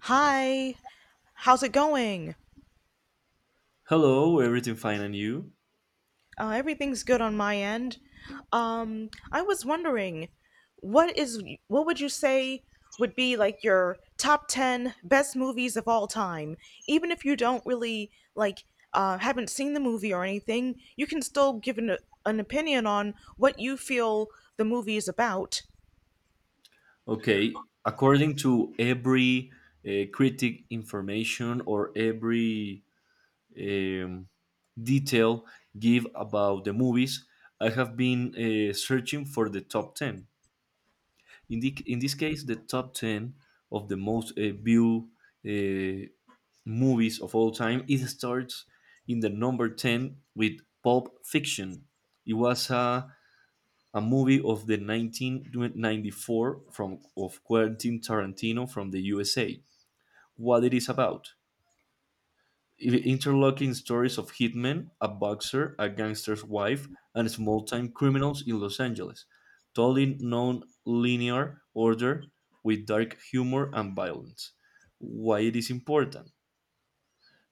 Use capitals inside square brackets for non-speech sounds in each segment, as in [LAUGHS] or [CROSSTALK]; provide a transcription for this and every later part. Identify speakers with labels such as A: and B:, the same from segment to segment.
A: Hi, how's it going?
B: Hello, everything fine and you?
A: Everything's good on my end. I was wondering, what would you say would be like your top ten best movies of all time? Even if you don't really like haven't seen the movie or anything, you can still give an opinion on what you feel the movie is about.
B: Okay, according to every critic information or every um, detail give about the movies, I have been searching for the top 10. In this case, the top 10 of the most viewed uh, movies of all time, it starts in the number 10 with Pulp Fiction. It was a movie of the 1994 from of Quentin Tarantino from the USA. What it is about? Interlocking stories of hitmen, a boxer, a gangster's wife, and small-time criminals in Los Angeles, told in non-linear order with dark humor and violence. Why it is important?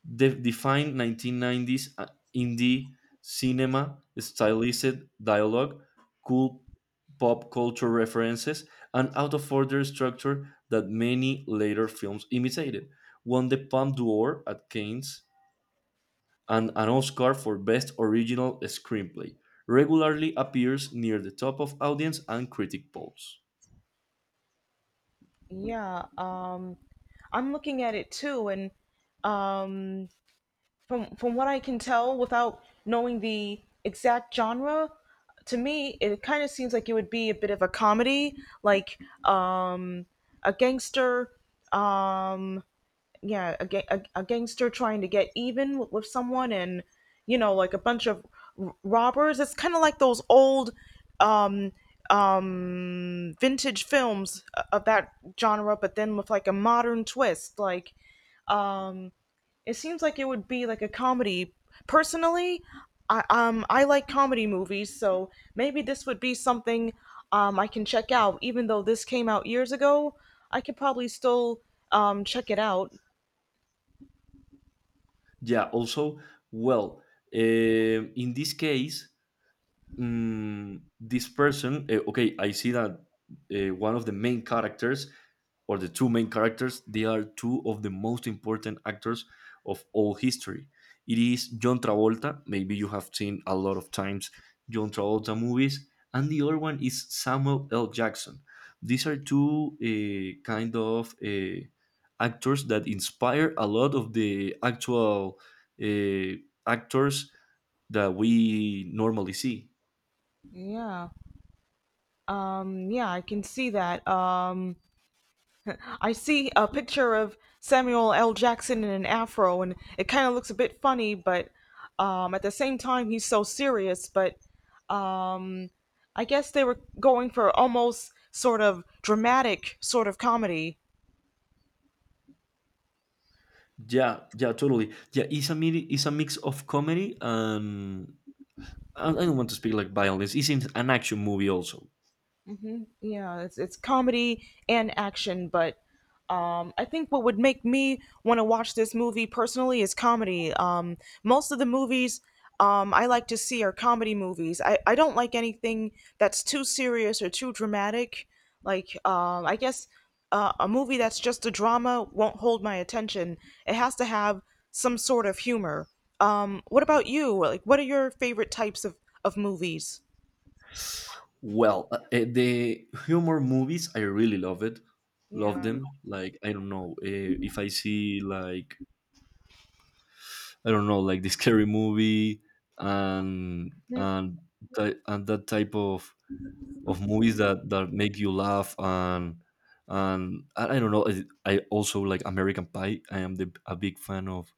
B: Defined 1990s indie cinema, stylized dialogue, cool pop culture references, and out of order structure that many later films imitated. Won the Palme d'Or at Cannes and an Oscar for Best Original Screenplay. Regularly appears near the top of audience and critic polls.
A: Yeah, I'm looking at it too, and um, from what I can tell without knowing the exact genre, to me it kind of seems like it would be a bit of a comedy, like um, a gangster, um, yeah, a gangster trying to get even with someone, and like a bunch of robbers. It's kind of like those old. Um, vintage films of that genre but then with like a modern twist like Um, it seems like it would be like a comedy. Personally, I like comedy movies, so maybe this would be something I can check out. Even though this came out years ago, I could probably still check it out.
B: Yeah, also, well, in this case, this person okay, I see that one of the main characters or the two main characters, they are two of the most important actors of all history. It is John Travolta. Maybe you have seen a lot of times John Travolta movies, and the other one is Samuel L. Jackson. These are two kind of actors that inspire a lot of the actual uh, actors that we normally see.
A: Yeah. Yeah, I can see that. [LAUGHS] I see a picture of Samuel L. Jackson in an afro, and it kind of looks a bit funny, but at the same time, he's so serious. But um, I guess they were going for almost sort of dramatic sort of comedy.
B: Yeah, yeah, totally. Yeah, it's a mini, it's a mix of comedy and I don't want to speak like violence. An action movie also.
A: Yeah, it's comedy and action, but I think what would make me want to watch this movie personally is comedy. Most of the movies I like to see are comedy movies. I don't like anything that's too serious or too dramatic, like I guess a movie that's just a drama won't hold my attention. It has to have some sort of humor. What about you? Like, what are your favorite types of movies?
B: Well, the humor movies, I really love it. Love
A: Yeah.
B: them. Like, I don't know, if I see like, I don't know, like the scary movie and
A: Mhm.
B: and that type of movies that that make you laugh and I don't know. I also like American Pie. I am the, a big fan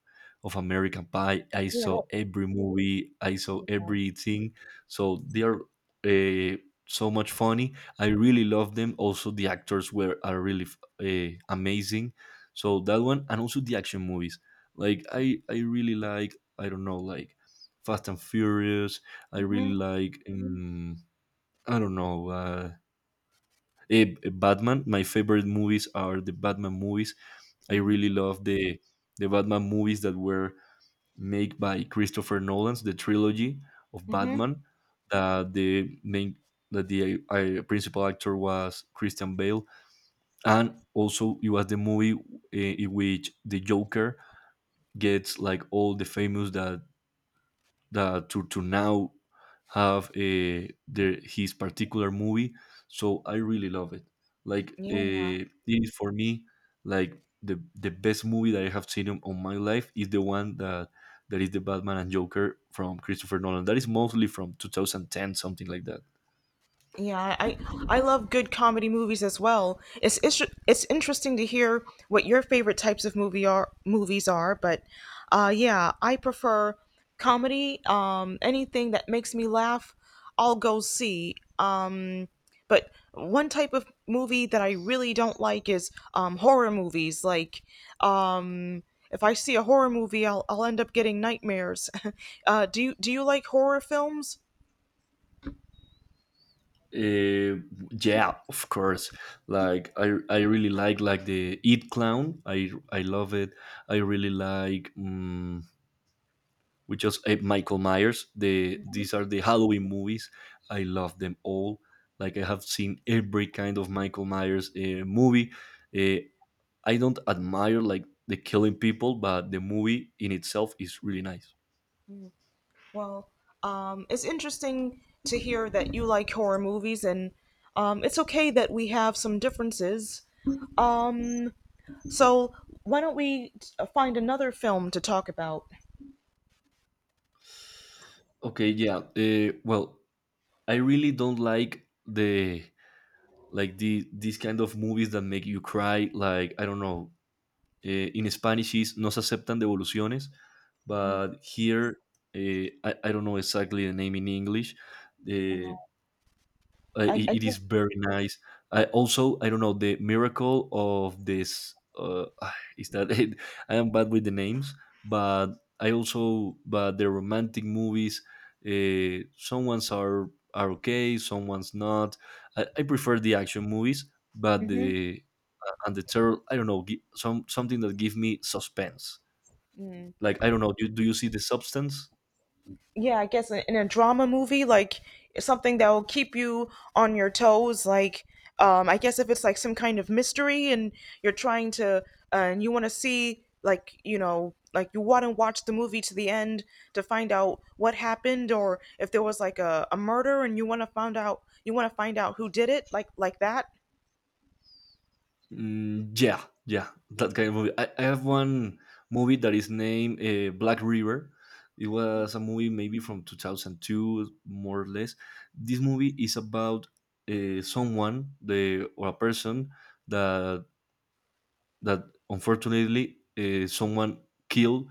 B: of American Pie. I
A: Yeah,
B: saw
A: that-
B: every movie. I saw everything. So they are uh, so much funny. I really love them. Also, the actors were are really amazing. So that one, and also the action movies. Like, I really like. I don't know, like, Fast and Furious. I really like. I don't know. Batman. My favorite movies are the Batman movies. I
A: Mhm.
B: really love the Batman movies that were made by Christopher Nolan's, the trilogy of
A: Hmm.
B: Batman. That the main that the principal actor was Christian Bale, and also it was the movie in which the Joker gets like all the famous that that to now have a their his particular movie. So I really love it. Like,
A: Yeah,
B: it is for me like the best movie that I have seen on my life is the one that that is the Batman and Joker from Christopher Nolan, that is mostly from 2010, something like that.
A: yeah. I love good comedy movies as well. It's interesting to hear what your favorite types of movies are, but yeah, I prefer comedy. Anything that makes me laugh, I'll go see. But one type of movie that I really don't like is horror movies. Like, um, if I see a horror movie, I'll end up getting nightmares. [LAUGHS] Do you like horror films?
B: uh, yeah, of course. Like, I really like the It clown. I love it. I really like. We just Michael Myers. The these are the Halloween movies. I love them all. Like, I have seen every kind of Michael Myers movie. Uh, I don't admire like the killing people, but the movie in itself is really nice.
A: Well, it's interesting to hear that you like horror movies, and it's okay that we have some differences. Um, so why don't we find another film to talk about?
B: Okay, yeah. Well, I really don't like the these kind of movies that make you cry. Like, I don't know, in Spanish is no se aceptan devoluciones,
A: Mm.
B: but here I don't know exactly the name in English.
A: Uh,
B: Uh, it,
A: I
B: it
A: guess,
B: is very nice. I also I don't know the miracle of this [SIGHS] is that [LAUGHS] it? I am bad with the names, but I also but the romantic movies. Some ones are okay, some ones not. I prefer the action movies, but
A: mhm.
B: the and the third, I don't know, some something that give me suspense. Like, I don't know, do you see the substance?
A: Yeah, I guess in a drama movie, like something that will keep you on your toes. Like, I guess if it's like some kind of mystery and you're trying to, and you want to see, like, like you want to watch the movie to the end to find out what happened, or if there was like a murder and you want to find out, you want to find out who did it, like that.
B: Yeah, yeah, that kind of movie. I have one movie that is named Black River. It was a movie maybe from 2002, more or less. This movie is about someone, the or a person that that unfortunately someone killed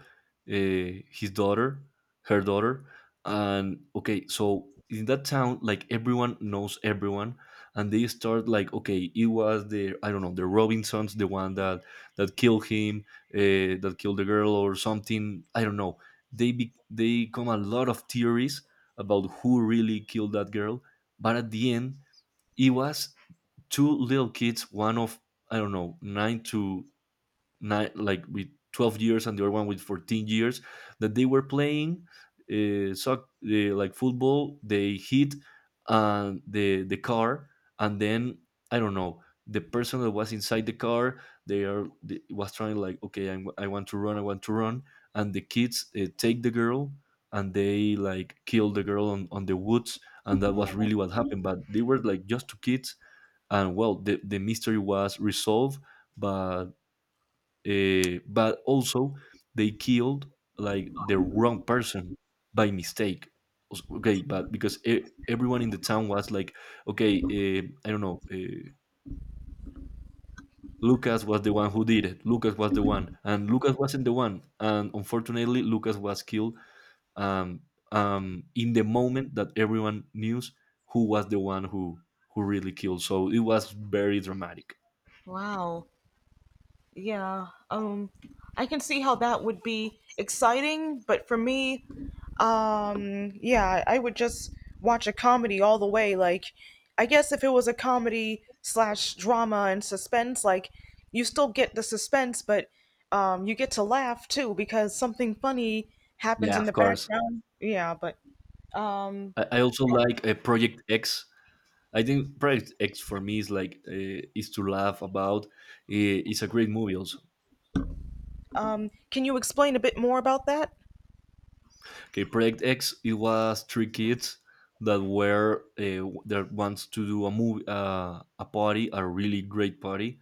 B: his daughter, her daughter, and okay, so in that town, like everyone knows everyone, and they start like, okay, it was the I don't know the Robinsons, the one that that killed him, that killed the girl or something. I don't know. They be, they come a lot of theories about who really killed that girl, but at the end, it was two little kids, one of I don't know, nine to nine, like with 12 years and the other one with 14 years that they were playing like football. They hit the car, and then I don't know, the person that was inside the car, they are they, was trying like, okay, I want to run, I want to run. And the kids take the girl and they like kill the girl on the woods, and that was really what happened, but they were like just two kids, and well, the mystery was resolved, but but also they killed like the wrong person by mistake. Okay, but because everyone in the town was like, okay, I don't know, Lucas was the one who did it, Lucas was the one, and Lucas wasn't the one, and unfortunately Lucas was killed um, in the moment that everyone knew who was the one who really killed. So it was very dramatic.
A: Wow. Yeah, I can see how that would be exciting, but for me, yeah, I would just watch a comedy all the way. Like, I guess if it was a comedy slash drama and suspense, like, you still get the suspense, but you get to laugh too because something funny happens
B: Yeah,
A: in the
B: of course.
A: background. Yeah, but um,
B: I also like Project X. I think Project X for me is like, is to laugh about. It's a great movie also.
A: can you explain a bit more about that?
B: Okay, Project X, it was three kids that were that wants to do a movie, a party, a really great party,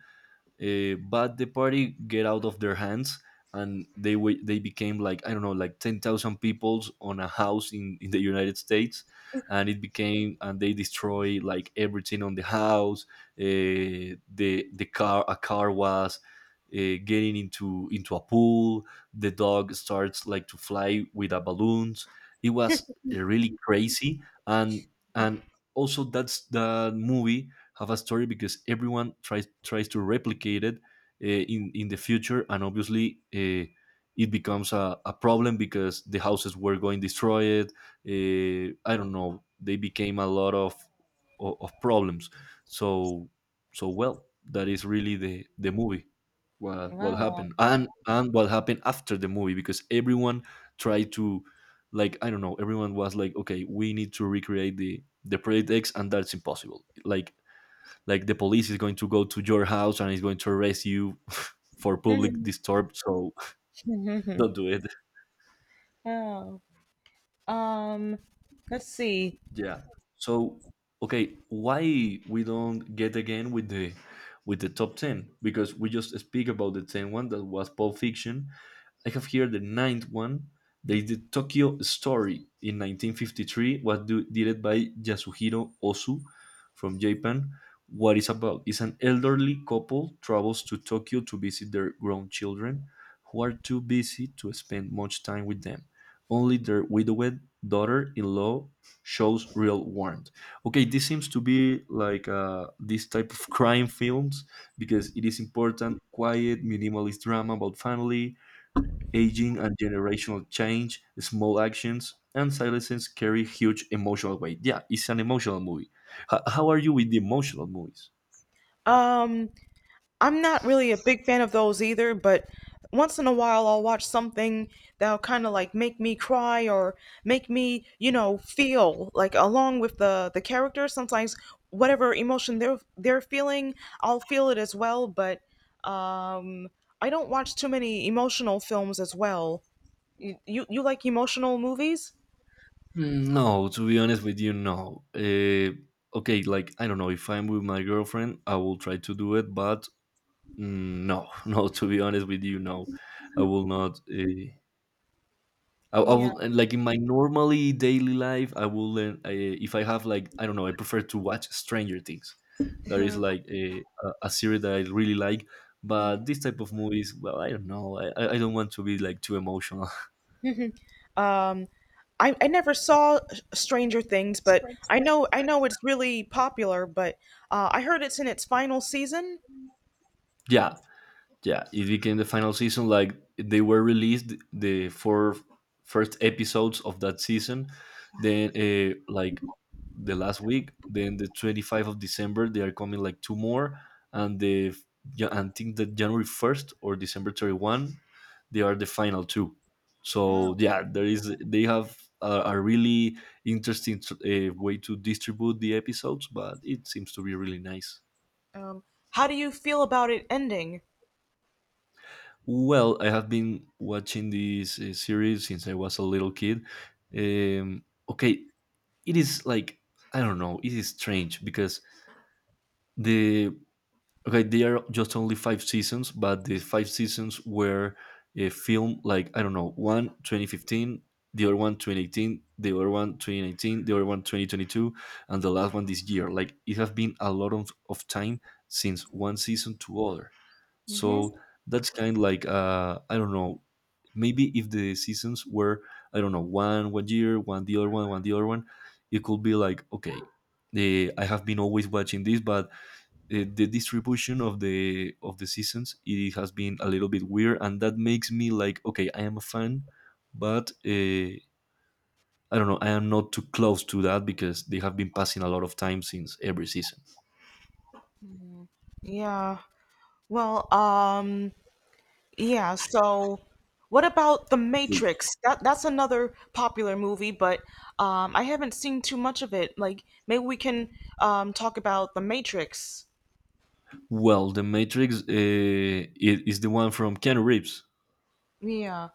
B: but the party get out of their hands, and they became like, I don't know, like 10,000 people on a house in the United States, and it became, and they destroy like everything on the house. The car, a car was getting into a pool. The dog starts like to fly with a balloons. It was really crazy, and and also that's the movie have a story because everyone tries to replicate it in the future, and obviously. It becomes a problem because the houses were going destroyed. I don't know. They became a lot of problems. So so well, that is really the movie. What
A: Wow.
B: happened, and what happened after the movie, because everyone tried to, like, I don't know. Everyone was like, okay, we need to recreate the Project X, and that's impossible. Like the police is going to go to your house and is going to arrest you [LAUGHS] for public
A: [LAUGHS]
B: disturb. So [LAUGHS] don't do it.
A: Oh. Um, let's see.
B: Yeah. So okay, why we don't get again with the top 10, because we just speak about the same one that was Pulp Fiction. I have here the ninth one. They did Tokyo Story in 1953, was do, directed by Yasuhiro Ozu from Japan. What is about is an elderly couple travels to Tokyo to visit their grown children, who are too busy to spend much time with them. Only their widowed daughter-in-law shows real warmth. Okay, this seems to be like, this type of [LAUGHS] crime films, because it is important, quiet, minimalist drama about family, aging and generational change, small actions, and silences carry huge emotional weight. Yeah, it's an emotional movie. How are you with the emotional movies?
A: Um, I'm not really a big fan of those either, but once in a while I'll watch something that'll kind of like make me cry or make me, feel like along with the character. Sometimes whatever emotion they're feeling, I'll feel it as well, but um I don't watch too many emotional films as well. You like emotional movies?
B: No, to be honest with you, no. Okay, like I don't know, if I'm with my girlfriend, I will try to do it, but no, [LAUGHS] no. To be honest with you, no, I will not. I
A: Yeah.
B: will and, like in my normally daily life. I will if I have like, I don't know, I prefer to watch Stranger Things. That is
A: [LAUGHS]
B: like a series that I really like. But this type of movies, well, I don't know. I don't want to be like too emotional.
A: Um, I never saw Stranger Things, but I know it's really popular. But I heard it's in its final season.
B: [LAUGHS] Yeah, yeah, it became the final season, like they were released the four first episodes of that season, then like the last week, then the 25th of December they are coming like two more, and the yeah, and I think that January 1st or December 31 they are the final two. So
A: Oh,
B: yeah, there is they have a really interesting way to distribute the episodes, but it seems to be really nice.
A: um, how do you feel about it ending?
B: Well, I have been watching this series since I was a little kid. Okay, it is like I don't know. It is strange because the okay, they are just only five seasons, but the five seasons were a film, like I don't know, one 2015, the other one 2018, the other one 2019, the other one 2022, and the last one this year. Like it has been a lot of time since one season to other.
A: Mm-hmm.
B: So that's kind of like, I don't know. Maybe if the seasons were, I don't know, one year, one the other one, one the other one, it could be like okay, I have been always watching this, but the distribution of the seasons, it has been a little bit weird, and that makes me like okay, I am a fan, but I don't know, I am not too close to that because they have been passing a lot of time since every season.
A: Yeah. Well, yeah, so what about The
B: Okay.
A: Matrix? That's another popular movie, but I haven't seen too much of it. Like, maybe we can talk about The Matrix.
B: Well, the Matrix is the one from Keanu Reeves.
A: Yeah.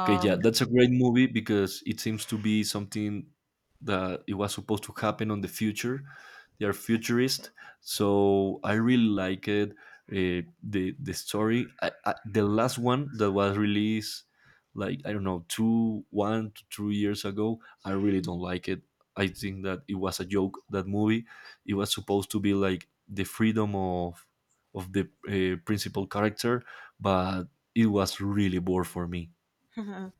B: Okay, yeah, that's a great movie because it seems to be something that it was supposed to happen on the future. They are futurist, so I really like it. The story, the last one that was released, like I don't know, two one to 2 years ago. I really don't like it. I think that it was a joke. That movie, it was supposed to be like the freedom of the principal character, but it was really bored for me.
A: [LAUGHS]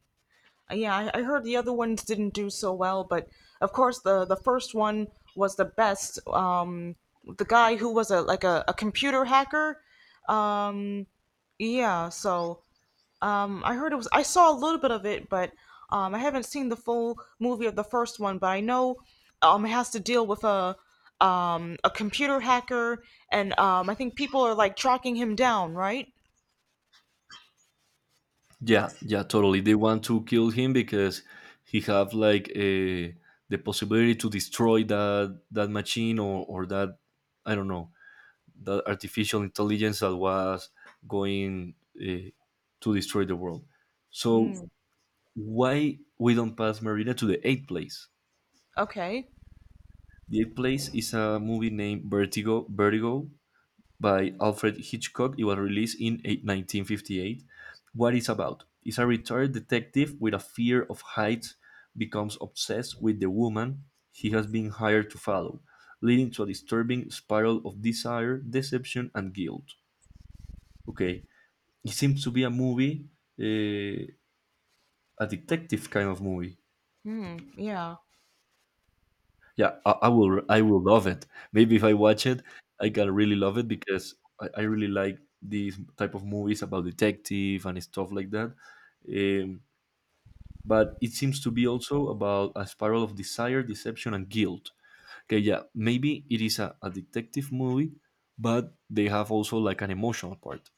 A: Yeah, I heard the other ones didn't do so well, but of course the first one was the best. The guy who was a like a computer hacker. Um, yeah, so I heard it was. I saw a little bit of it, but I haven't seen the full movie of the first one. But I know it has to deal with a computer hacker, and I think people are like tracking him down, right?
B: Yeah, yeah, totally. They want to kill him because he have like a, the possibility to destroy that machine or that, I don't know, that artificial intelligence that was going to destroy the world. So
A: Mm,
B: why we don't pass Marina to the eighth place?
A: okay.
B: The eighth place is a movie named Vertigo. Vertigo by Alfred Hitchcock. It was released in 1958. What it's about? It's a retired detective with a fear of heights becomes obsessed with the woman he has been hired to follow, leading to a disturbing spiral of desire, deception, and guilt. Okay, it seems to be a movie, uh, a detective kind of movie.
A: Hmm. Yeah.
B: Yeah, I will love it. Maybe if I watch it, I gotta really love it because I really like these type of movies about detective and stuff like that. Um, but it seems to be also about a spiral of desire, deception, and guilt. Okay, yeah, maybe it is a detective movie, but they have also like an emotional part.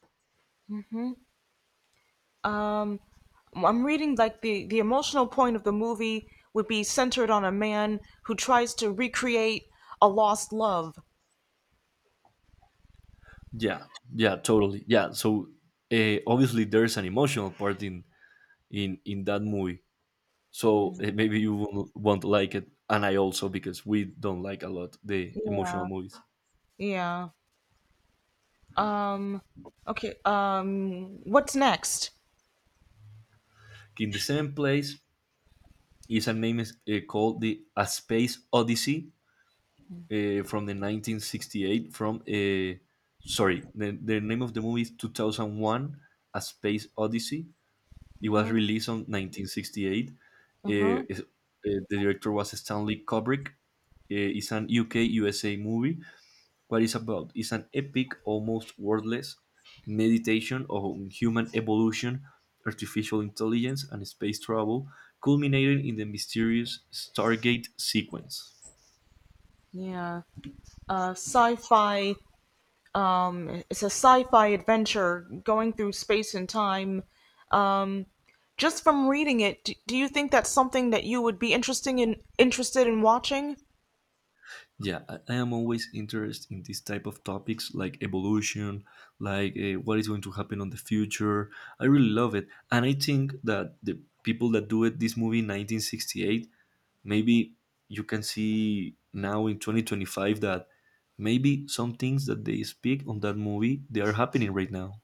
A: Um, I'm reading like the emotional point of the movie would be centered on a man who tries to recreate a lost love.
B: Yeah, yeah, totally. Yeah, so obviously there's an emotional part in that movie. So maybe you won't like it, and I also, because we don't like a lot the emotional
A: Yeah.
B: movies.
A: Yeah. Um, okay. What's next?
B: In the same place is a name is called the a Space Odyssey, from the 1968, from sorry, the name of the movie is 2001, A Space Odyssey. It was released on 1968.
A: Uh huh.
B: Is- the director was Stanley Kubrick. It's an UK USA movie. What it's about? It's an epic, almost wordless meditation on human evolution, artificial intelligence, and space travel, culminating in the mysterious Stargate sequence.
A: Yeah. Sci-fi. It's a sci-fi adventure going through space and time. Um, just from reading it, do, do you think that's something that you would be interesting in interested in watching?
B: Yeah, I am always interested in this type of topics like evolution, like what is going to happen on the future. I really love it, and I think that the people that do it, this movie, 1968, maybe you can see now in 2025 that maybe some things that they speak on that movie they are happening right now,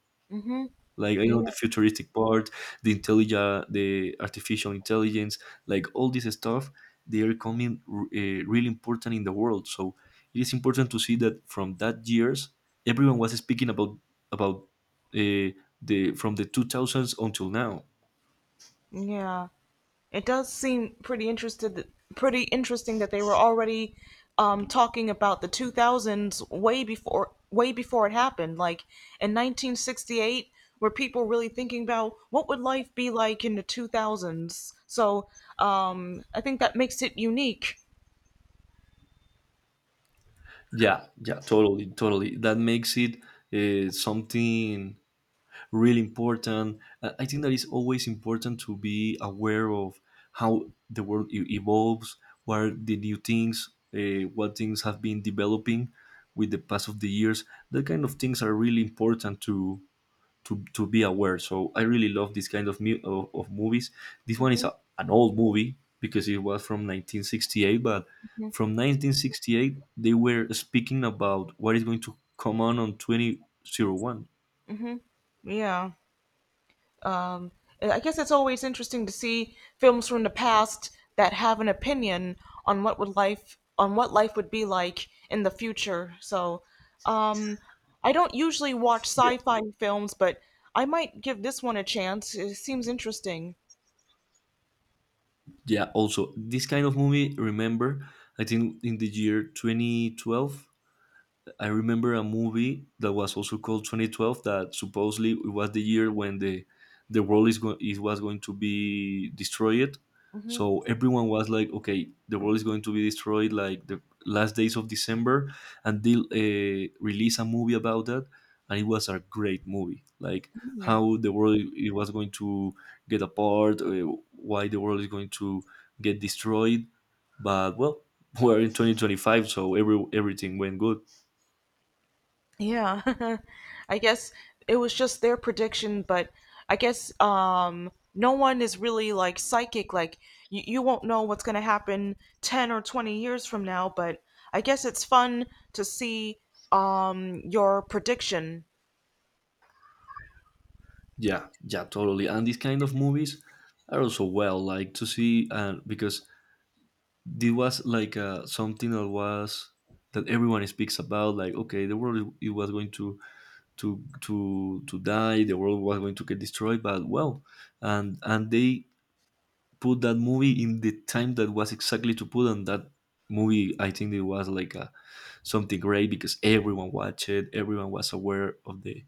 B: like I know,
A: Yeah.
B: the futuristic part, the intelligence, the artificial intelligence, like all this stuff, they are coming really important in the world, so it is important to see that from that years, everyone was speaking about uh, the from the 2000s until now.
A: Yeah. It does seem pretty interesting that they were already talking about the 2000s way before it happened, like in 1968, were people really thinking about what would life be like in the 2000s. So I think that makes it unique.
B: Yeah, yeah, totally, totally, that makes it something really important. I think that it's always important to be aware of how the world evolves, what are the new things, what things have been developing with the pass of the years. That kind of things are really important to be aware. So I really love this kind of of movies. This one is
A: Hmm.
B: an old movie because it was from 1968, but from 1968 they were speaking about what is going to come on 2001.
A: Yeah. um, I guess it's always interesting to see films from the past that have an opinion on what life would be like in the future. So, um, I don't usually watch sci-fi films, but I might give this one a chance. It seems interesting.
B: Yeah, also this kind of movie, remember, I think in the year 2012, I remember a movie that was also called 2012 that supposedly it was the year when the world is going it was going to be destroyed. So
A: Mm-hmm.
B: everyone was like, okay, the world is going to be destroyed, like the last days of December, and they release a movie about that, and it was a great movie. Like how the world it was going to get apart, why the world is going to get destroyed, but well, [LAUGHS] we're in 2025, so everything went good.
A: Yeah. [LAUGHS] I guess it was just their prediction, but I guess no one is really like psychic, like you won't know what's going to happen 10 or 20 years from now, but I guess it's fun to see your prediction.
B: Yeah, yeah, totally. And these kind of movies are also, well, like to see, and because this was like something that was, that everyone speaks about. Like, okay, the world it was going to die, the world was going to get destroyed, but well, and they put that movie in the time that was exactly to put, and that movie, I think it was like something great, because everyone watched it, everyone was aware of the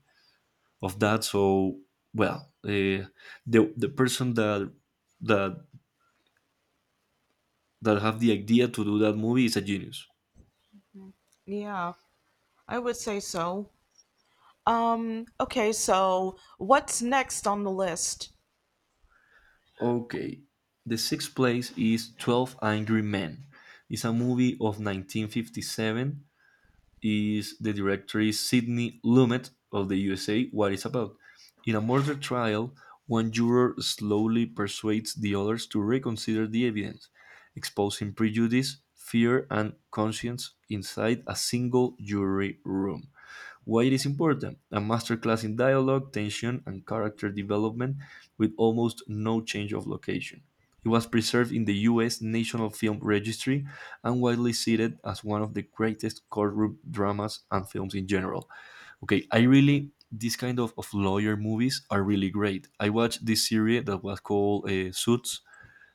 B: of that. So well, the person that that have the idea to do that movie is a genius.
A: Yeah. I would say so. Okay, so what's next on the list?
B: Okay, the sixth place is Twelve Angry Men. It's a movie of 1957, is the director Sidney Lumet of the USA. What it's about? In a murder trial, one juror slowly persuades the others to reconsider the evidence, exposing prejudice, fear, and conscience inside a single jury room. Why it is important? A masterclass in dialogue, tension, and character development with almost no change of location. It was preserved in the US National Film Registry and widely cited as one of the greatest courtroom dramas and films in general. Okay, I really, these kind of lawyer movies are really great. I watched this series that was called Suits.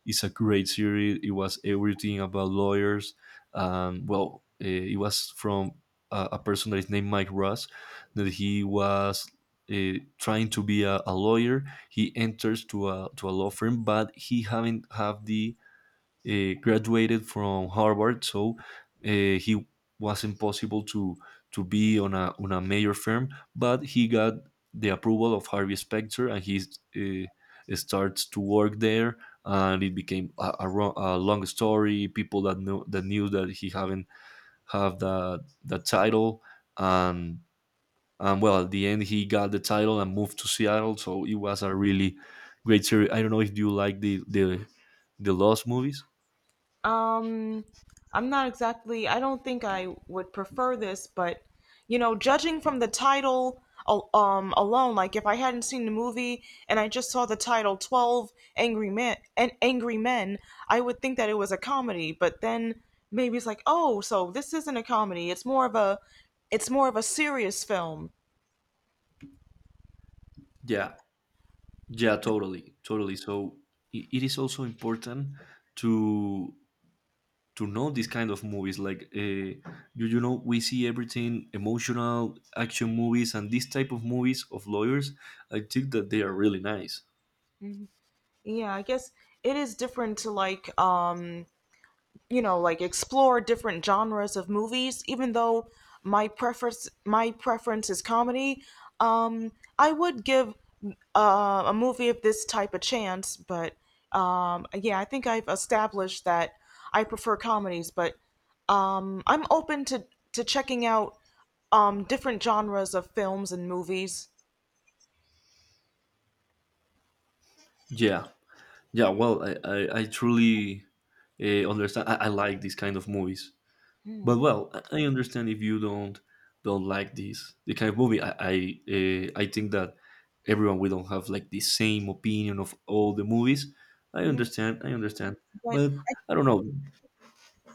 B: It's a great series. It was everything about lawyers. Well, it was from a person that is named Mike Ross, that he was trying to be a lawyer. He enters to a law firm, but he haven't have the graduated from Harvard, so he wasn't possible to be on a major firm, but he got the approval of Harvey Specter, and he starts to work there. And it became a long story. People that knew that he haven't have that title, and well, at the end he got the title and moved to Seattle. So it was a really great series. I don't know if you like the Lost movies.
A: Um, I'm not exactly, I don't think I would prefer this, but you know, judging from the title alone, like if I hadn't seen the movie and I just saw the title 12 Angry Men I would think that it was a comedy, but then maybe it's like, "Oh, so this isn't a comedy. It's more of a it's more of a serious film."
B: Yeah, yeah, totally, totally. So it is also important to to know these kind of movies. Like we see everything emotional action movies and these type of movies of lawyers. I think that they are really nice.
A: Yeah, I guess it is different to like like explore different genres of movies, even though my preference is comedy. um I would give a movie of this type a chance, but yeah, I think I've established that I prefer comedies, but I'm open to checking out different genres of films and movies.
B: Yeah, yeah. Well, I truly understand. I like these kind of movies. But well, I understand if you don't like this the kind of movie. I think that everyone we don't have like the same opinion of all the movies. I
A: Mhm.
B: understand. I understand.
A: But
B: But I don't know.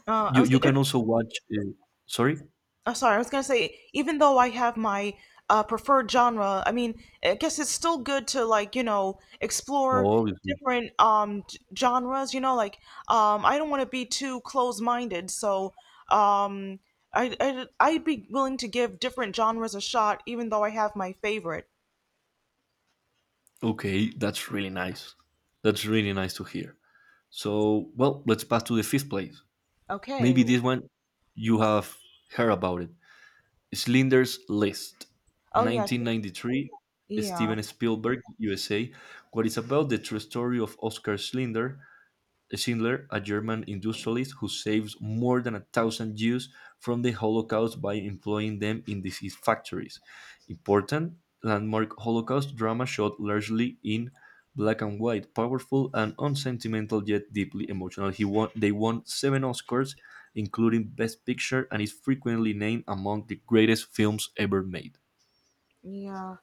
A: I
B: You
A: was—
B: you can also watch. Sorry.
A: Oh, sorry, I was gonna say, even though I have my preferred genre, I mean, I guess it's still good to like, you know, explore
B: Obviously.
A: different genres, you know, like I don't want to be too close-minded, so um I'd be willing to give different genres a shot, even though I have my favorite.
B: Okay, that's really nice. That's really nice to hear. So well, let's pass to the fifth place.
A: Okay.
B: Maybe this one you have heard about it. Schindler's List,
A: Oh yeah, sh-
B: 1993,
A: yeah,
B: Steven Spielberg, USA, what is about the true story of Oscar Schindler, Schindler, a German industrialist who saves more than a thousand Jews from the Holocaust by employing them in his factories. Important landmark Holocaust drama shot largely in black and white, powerful and unsentimental yet deeply emotional. He won, they won seven Oscars, including Best Picture, and is frequently named among the greatest films ever made.
A: yeah.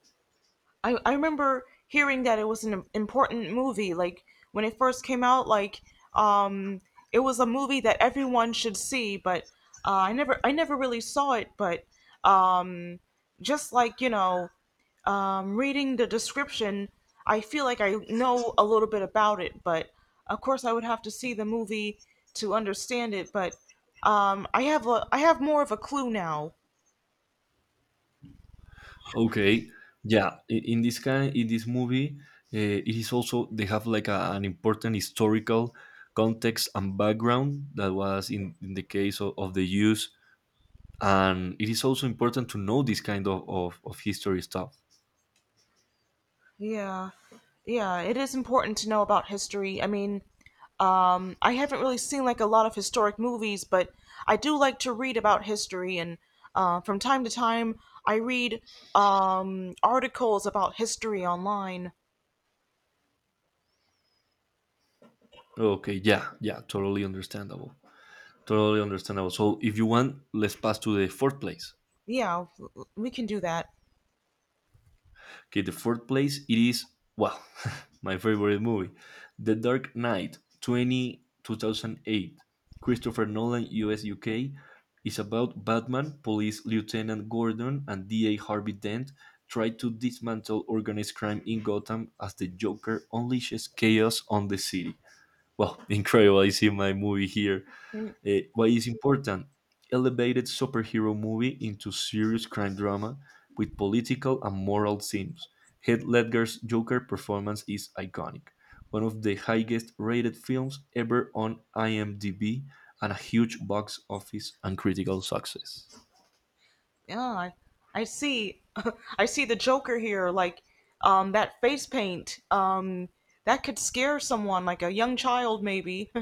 A: I remember hearing that it was an important movie. Like when it first came out, like um, it was a movie that everyone should see. But I never really saw it. But um, just like you know, reading the description, I feel like I know a little bit about it. But of course, I would have to see the movie to understand it. But I have more of a clue now.
B: Okay, yeah. In this kind, in this movie, uh, it is also they have like an important historical context and background that was in the case of the use, and it is also important to know this kind of history stuff.
A: Yeah. Yeah, it is important to know about history. I mean, I haven't really seen like a lot of historic movies, but I do like to read about history, and from time to time, I read articles about history online.
B: Okay, yeah, yeah, totally understandable, totally understandable. So if you want, let's pass to the fourth place.
A: Yeah, we can do that.
B: Okay, the fourth place it is, well, [LAUGHS] my favorite movie, The Dark Knight, 20 2008, Christopher Nolan, US UK, is about Batman, police lieutenant Gordon, and DA Harvey Dent try to dismantle organized crime in Gotham as the Joker unleashes chaos on the city. Well, [LAUGHS] incredible! I see my movie here.
A: Mm.
B: Why is important? Elevated superhero movie into serious crime drama with political and moral themes. Heath Ledger's Joker performance is iconic, one of the highest rated films ever on IMDb, and a huge box office and critical success.
A: Yeah, I see. [LAUGHS] I see the Joker here. Like that face paint. That could scare someone, like a young child, maybe. [LAUGHS]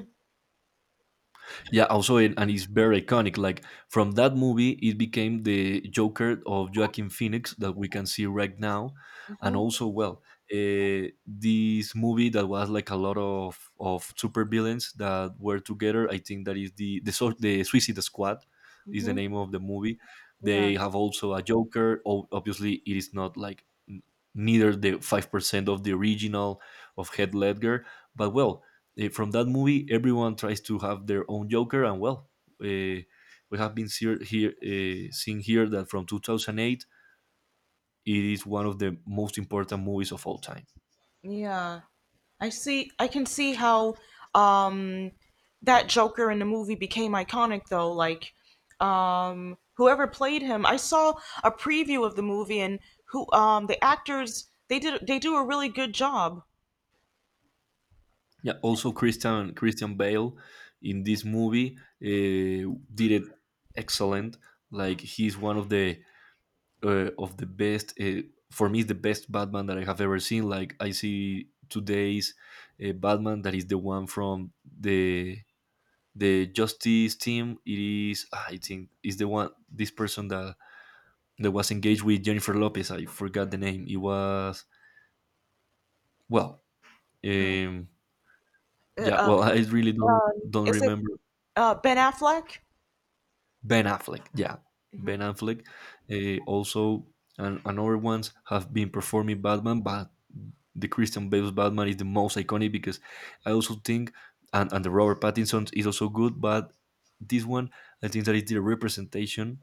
B: Yeah, also, and it's very iconic. Like from that movie, it became the Joker of Joaquin Phoenix that we can see right now, and also, this movie that was like a lot of super villains that were together. I think that is the Suicide Squad is the
A: Hmm.
B: name of the movie.
A: Yeah.
B: They have also a Joker. Obviously, it is not like neither the 5% of the original of Heath Ledger, but from that movie, everyone tries to have their own Joker, and uh, we have been see- here seeing here that from 2008, it is one of the most important movies of all time.
A: Yeah. I see, I can see how um that Joker in the movie became iconic though. Like, whoever played him, I saw a preview of the movie, and who the actors, they did they do a really good job.
B: Yeah, also Christian Bale in this movie did it excellent. Like he's one of the best. For me, it's the best Batman that I have ever seen. Like I see today's Batman that is the one from the Justice team. It is I think is the one, this person that was engaged with Jennifer Lopez. I forgot the name. It was, well,
A: Who-
B: um,
A: Uh,
B: yeah.
A: uh,
B: Well, [LAUGHS] I really don't
A: um,
B: don't
A: is it
B: remember.
A: Ben Affleck?
B: Ben Affleck. Yeah,
A: Mhm.
B: Ben Affleck. Also, and other ones have been performing Batman, but the Christian Bale's Batman is the most iconic because I also think, and the Robert Pattinson is also good, but this one, I think that it's the representation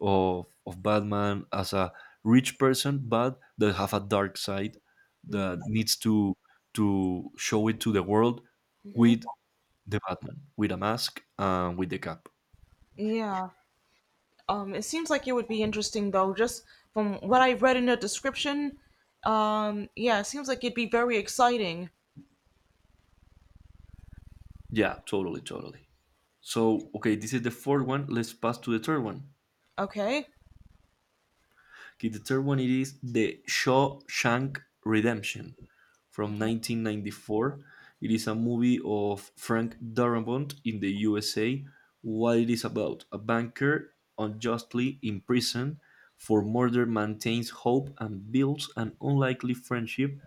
B: of Batman as a rich person, but that have a dark side that needs to show it to the world with the Batman, with a mask and with the cap.
A: Yeah. It seems like it would be interesting though, just from what I read in the description. Yeah, it seems like it'd be very exciting.
B: Yeah, totally, totally. So okay, this is the fourth one. Let's pass to the third one.
A: Okay.
B: Okay, the third one it is the Shawshank Redemption, from 1994. It is a movie of Frank Darabont in the USA. What it is about, a banker unjustly imprisoned for murder maintains hope and builds an unlikely friendship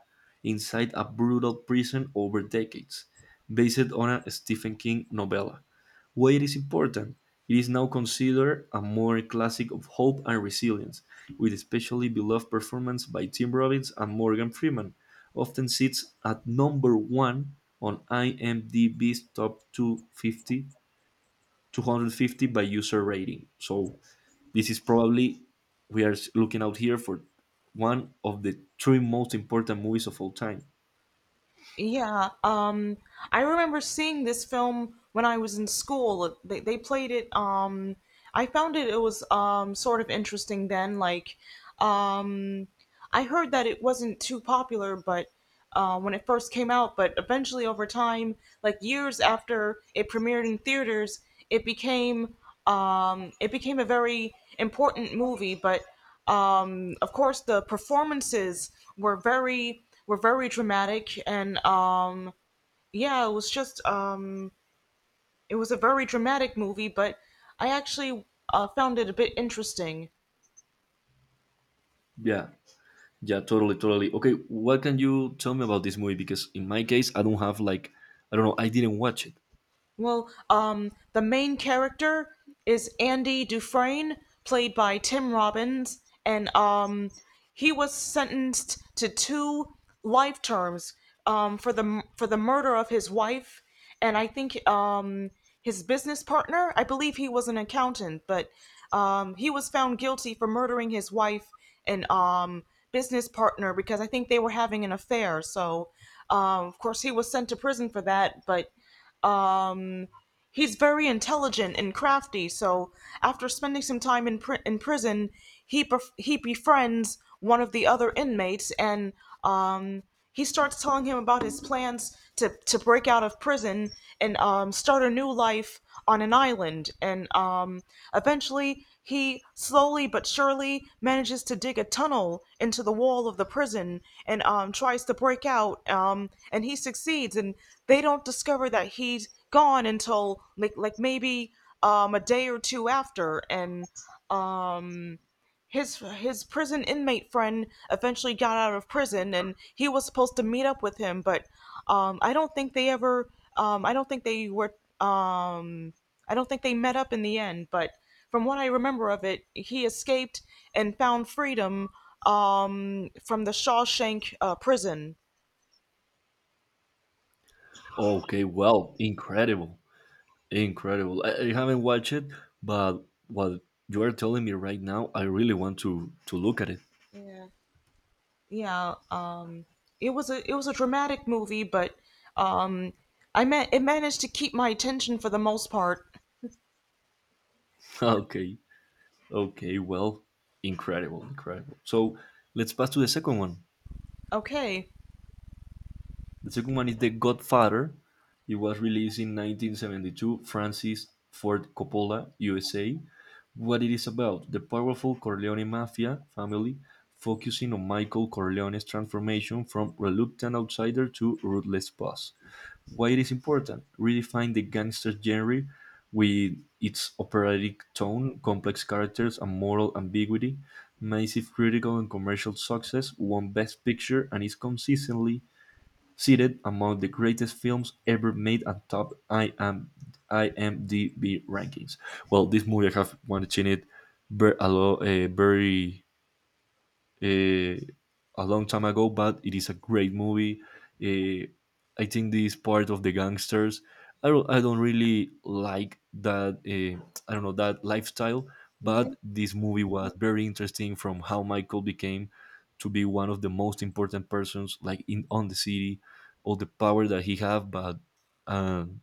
B: inside a brutal prison over decades, based on a Stephen King novella. Why it is important? It is now considered a modern classic of hope and resilience, with especially beloved performance by Tim Robbins and Morgan Freeman. Often sits at number one on IMDb's top 250 by user rating. So this is probably we are looking out here for one of the three most important movies of all time.
A: Yeah, I remember seeing this film when I was in school. They played it. I found it was sort of interesting then. Um, I heard that it wasn't too popular, but when it first came out, but eventually over time, like years after it premiered in theaters, it became it became a very important movie. But of course, the performances were very dramatic, and yeah, it was just it was a very dramatic movie. But I actually found it a bit interesting.
B: Yeah. Yeah, totally, totally. Okay, what can you tell me about this movie? Because in my case, I don't have like, I don't know, I didn't watch it.
A: Well, the main character is Andy Dufresne, played by Tim Robbins, and he was sentenced to two life terms for the murder of his wife, and I think his business partner. I believe he was an accountant, but he was found guilty for murdering his wife and business partner because I think they were having an affair. So, of course, he was sent to prison for that, but Um, he's very intelligent and crafty. So after spending some time in prison, he befriends one of the other inmates, and um, he starts telling him about his plans to break out of prison and start a new life on an island. And eventually, he slowly but surely manages to dig a tunnel into the wall of the prison and tries to break out. And he succeeds, and they don't discover that he's gone until like maybe a day or two after. And his prison inmate friend eventually got out of prison, and he was supposed to meet up with him, but I don't think they ever. I don't think they were. Um, I don't think they met up in the end. But from what I remember of it, he escaped and found freedom from the Shawshank prison.
B: Okay, well, incredible, incredible. I haven't watched it, but what you are telling me right now, I really want to look at it.
A: Yeah, yeah. It was a dramatic movie, but um it managed to keep my attention for the most part.
B: [LAUGHS] Okay, okay, well, incredible, incredible. So let's pass to the second one.
A: Okay.
B: The second one is The Godfather. It was released in 1972. Francis Ford Coppola, USA. What it is about: the powerful Corleone mafia family, focusing on Michael Corleone's transformation from reluctant outsider to ruthless boss. Why it is important? Redefine the gangster genre with its operatic tone, complex characters, and moral ambiguity. Massive critical and commercial success, won Best Picture and is consistently seated among the greatest films ever made and top IMDb rankings. Well, this movie I have watched it a lot, very uh, a long time ago, but it is a great movie. Uh, I think this part of the gangsters, I don't really like that. I don't know that lifestyle,
A: Mm-hmm.
B: but this movie was very interesting from how Michael became to be one of the most important persons like in on the city, all the power that he have, but um,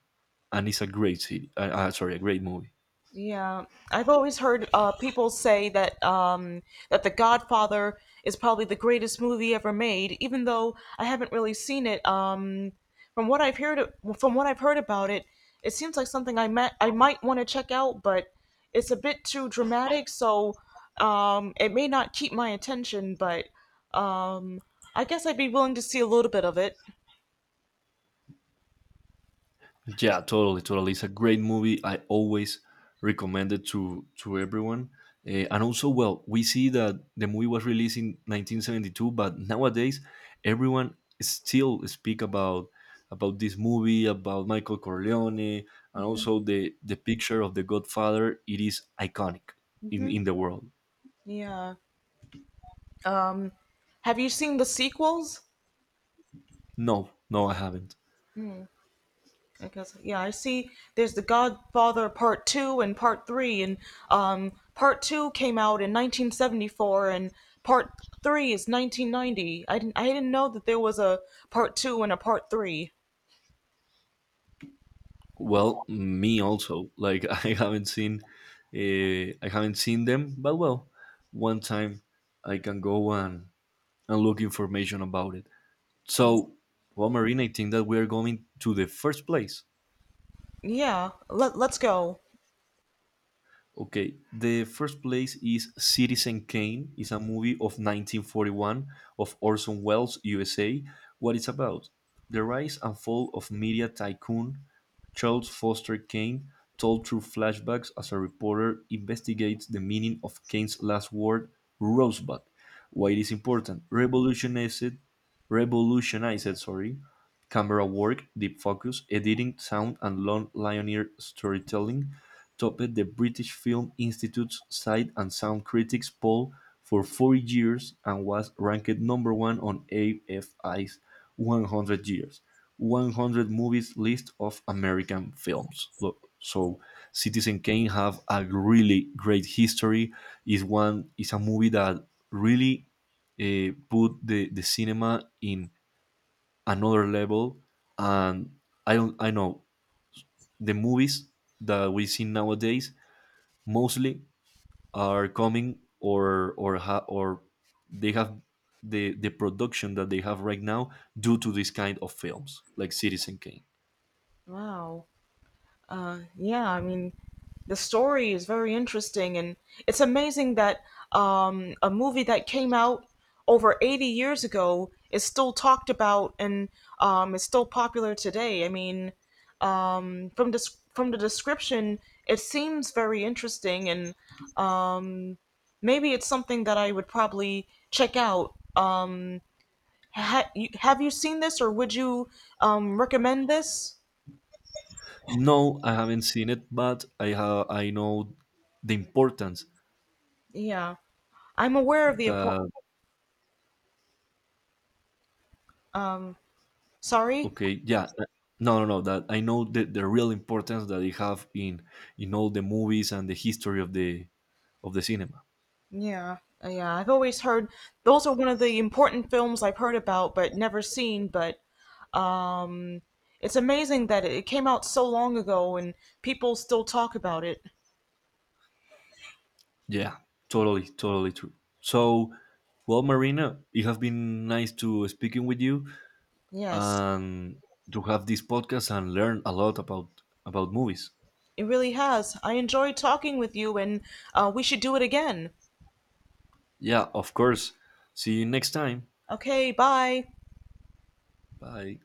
B: and it's a great city. Sorry, a great movie.
A: Yeah, I've always heard people say that that The Godfather is probably the greatest movie ever made, even though I haven't really seen it. From what I've heard, from what I've heard about it, it seems like something I might want to check out, but it's a bit too dramatic, so it may not keep my attention. But um, I guess I'd be willing to see a little bit of it.
B: Yeah, totally, totally. It's a great movie. I always recommend it to everyone. And also, well, we see that the movie was released in 1972, but nowadays everyone still speak about this movie, about Michael Corleone, and also the picture of the Godfather. It is iconic in
A: Hmm.
B: in the world.
A: Yeah. Um, have you seen the sequels?
B: No, no, I haven't.
A: Because yeah, I see there's the Godfather Part 2 and Part 3, and Part 2 came out in 1974, and Part 3 is 1990. I didn't know that there was a Part 2 and a Part 3.
B: Well, me also. Like [LAUGHS] I haven't seen them. But well, one time I can go and look information about it. So, well, Marina, I think that we are going to the first place.
A: Yeah, let's go.
B: Okay, the first place is Citizen Kane. It's a movie of 1941 of Orson Welles, USA. What it's about? The rise and fall of media tycoon Charles Foster Kane, told through flashbacks as a reporter investigates the meaning of Kane's last word, Rosebud. Why it is important? Revolutionized, sorry, camera work, deep focus, editing, sound, and long linear storytelling. Topped the British Film Institute's Sight and Sound Critics poll for 40 years and was ranked number one on AFI's 100 Years, 100 Movies list of American films. Look, so Citizen Kane have a really great history. Is a movie that really, put the cinema in another level. And I don't I know the movies that we see nowadays mostly are coming or they have the production that they have right now due to this kind of films like Citizen Kane.
A: Wow. Yeah, I mean the story is very interesting, and it's amazing that a movie that came out over 80 years ago is still talked about and is still popular today. I mean, from the description, it seems very interesting, and maybe it's something that I would probably check out. Have you seen this, or would you recommend this?
B: No, I haven't seen it, but I know the importance
A: Yeah, I'm aware of the
B: that,
A: um. Sorry.
B: okay, yeah, no, no, no. That I know the real importance that they have in all the movies and the history of the cinema.
A: Yeah, yeah. I've always heard those are one of the important films I've heard about but never seen. But it's amazing that it came out so long ago and people still talk about it.
B: Yeah, totally, totally true. So, well, Marina, it has been nice to speaking with you
A: Yes.
B: and to have this podcast and learn a lot about movies.
A: It really has. I enjoyed talking with you, and we should do it again.
B: Yeah, of course. See you next time.
A: Okay, bye.
B: Bye.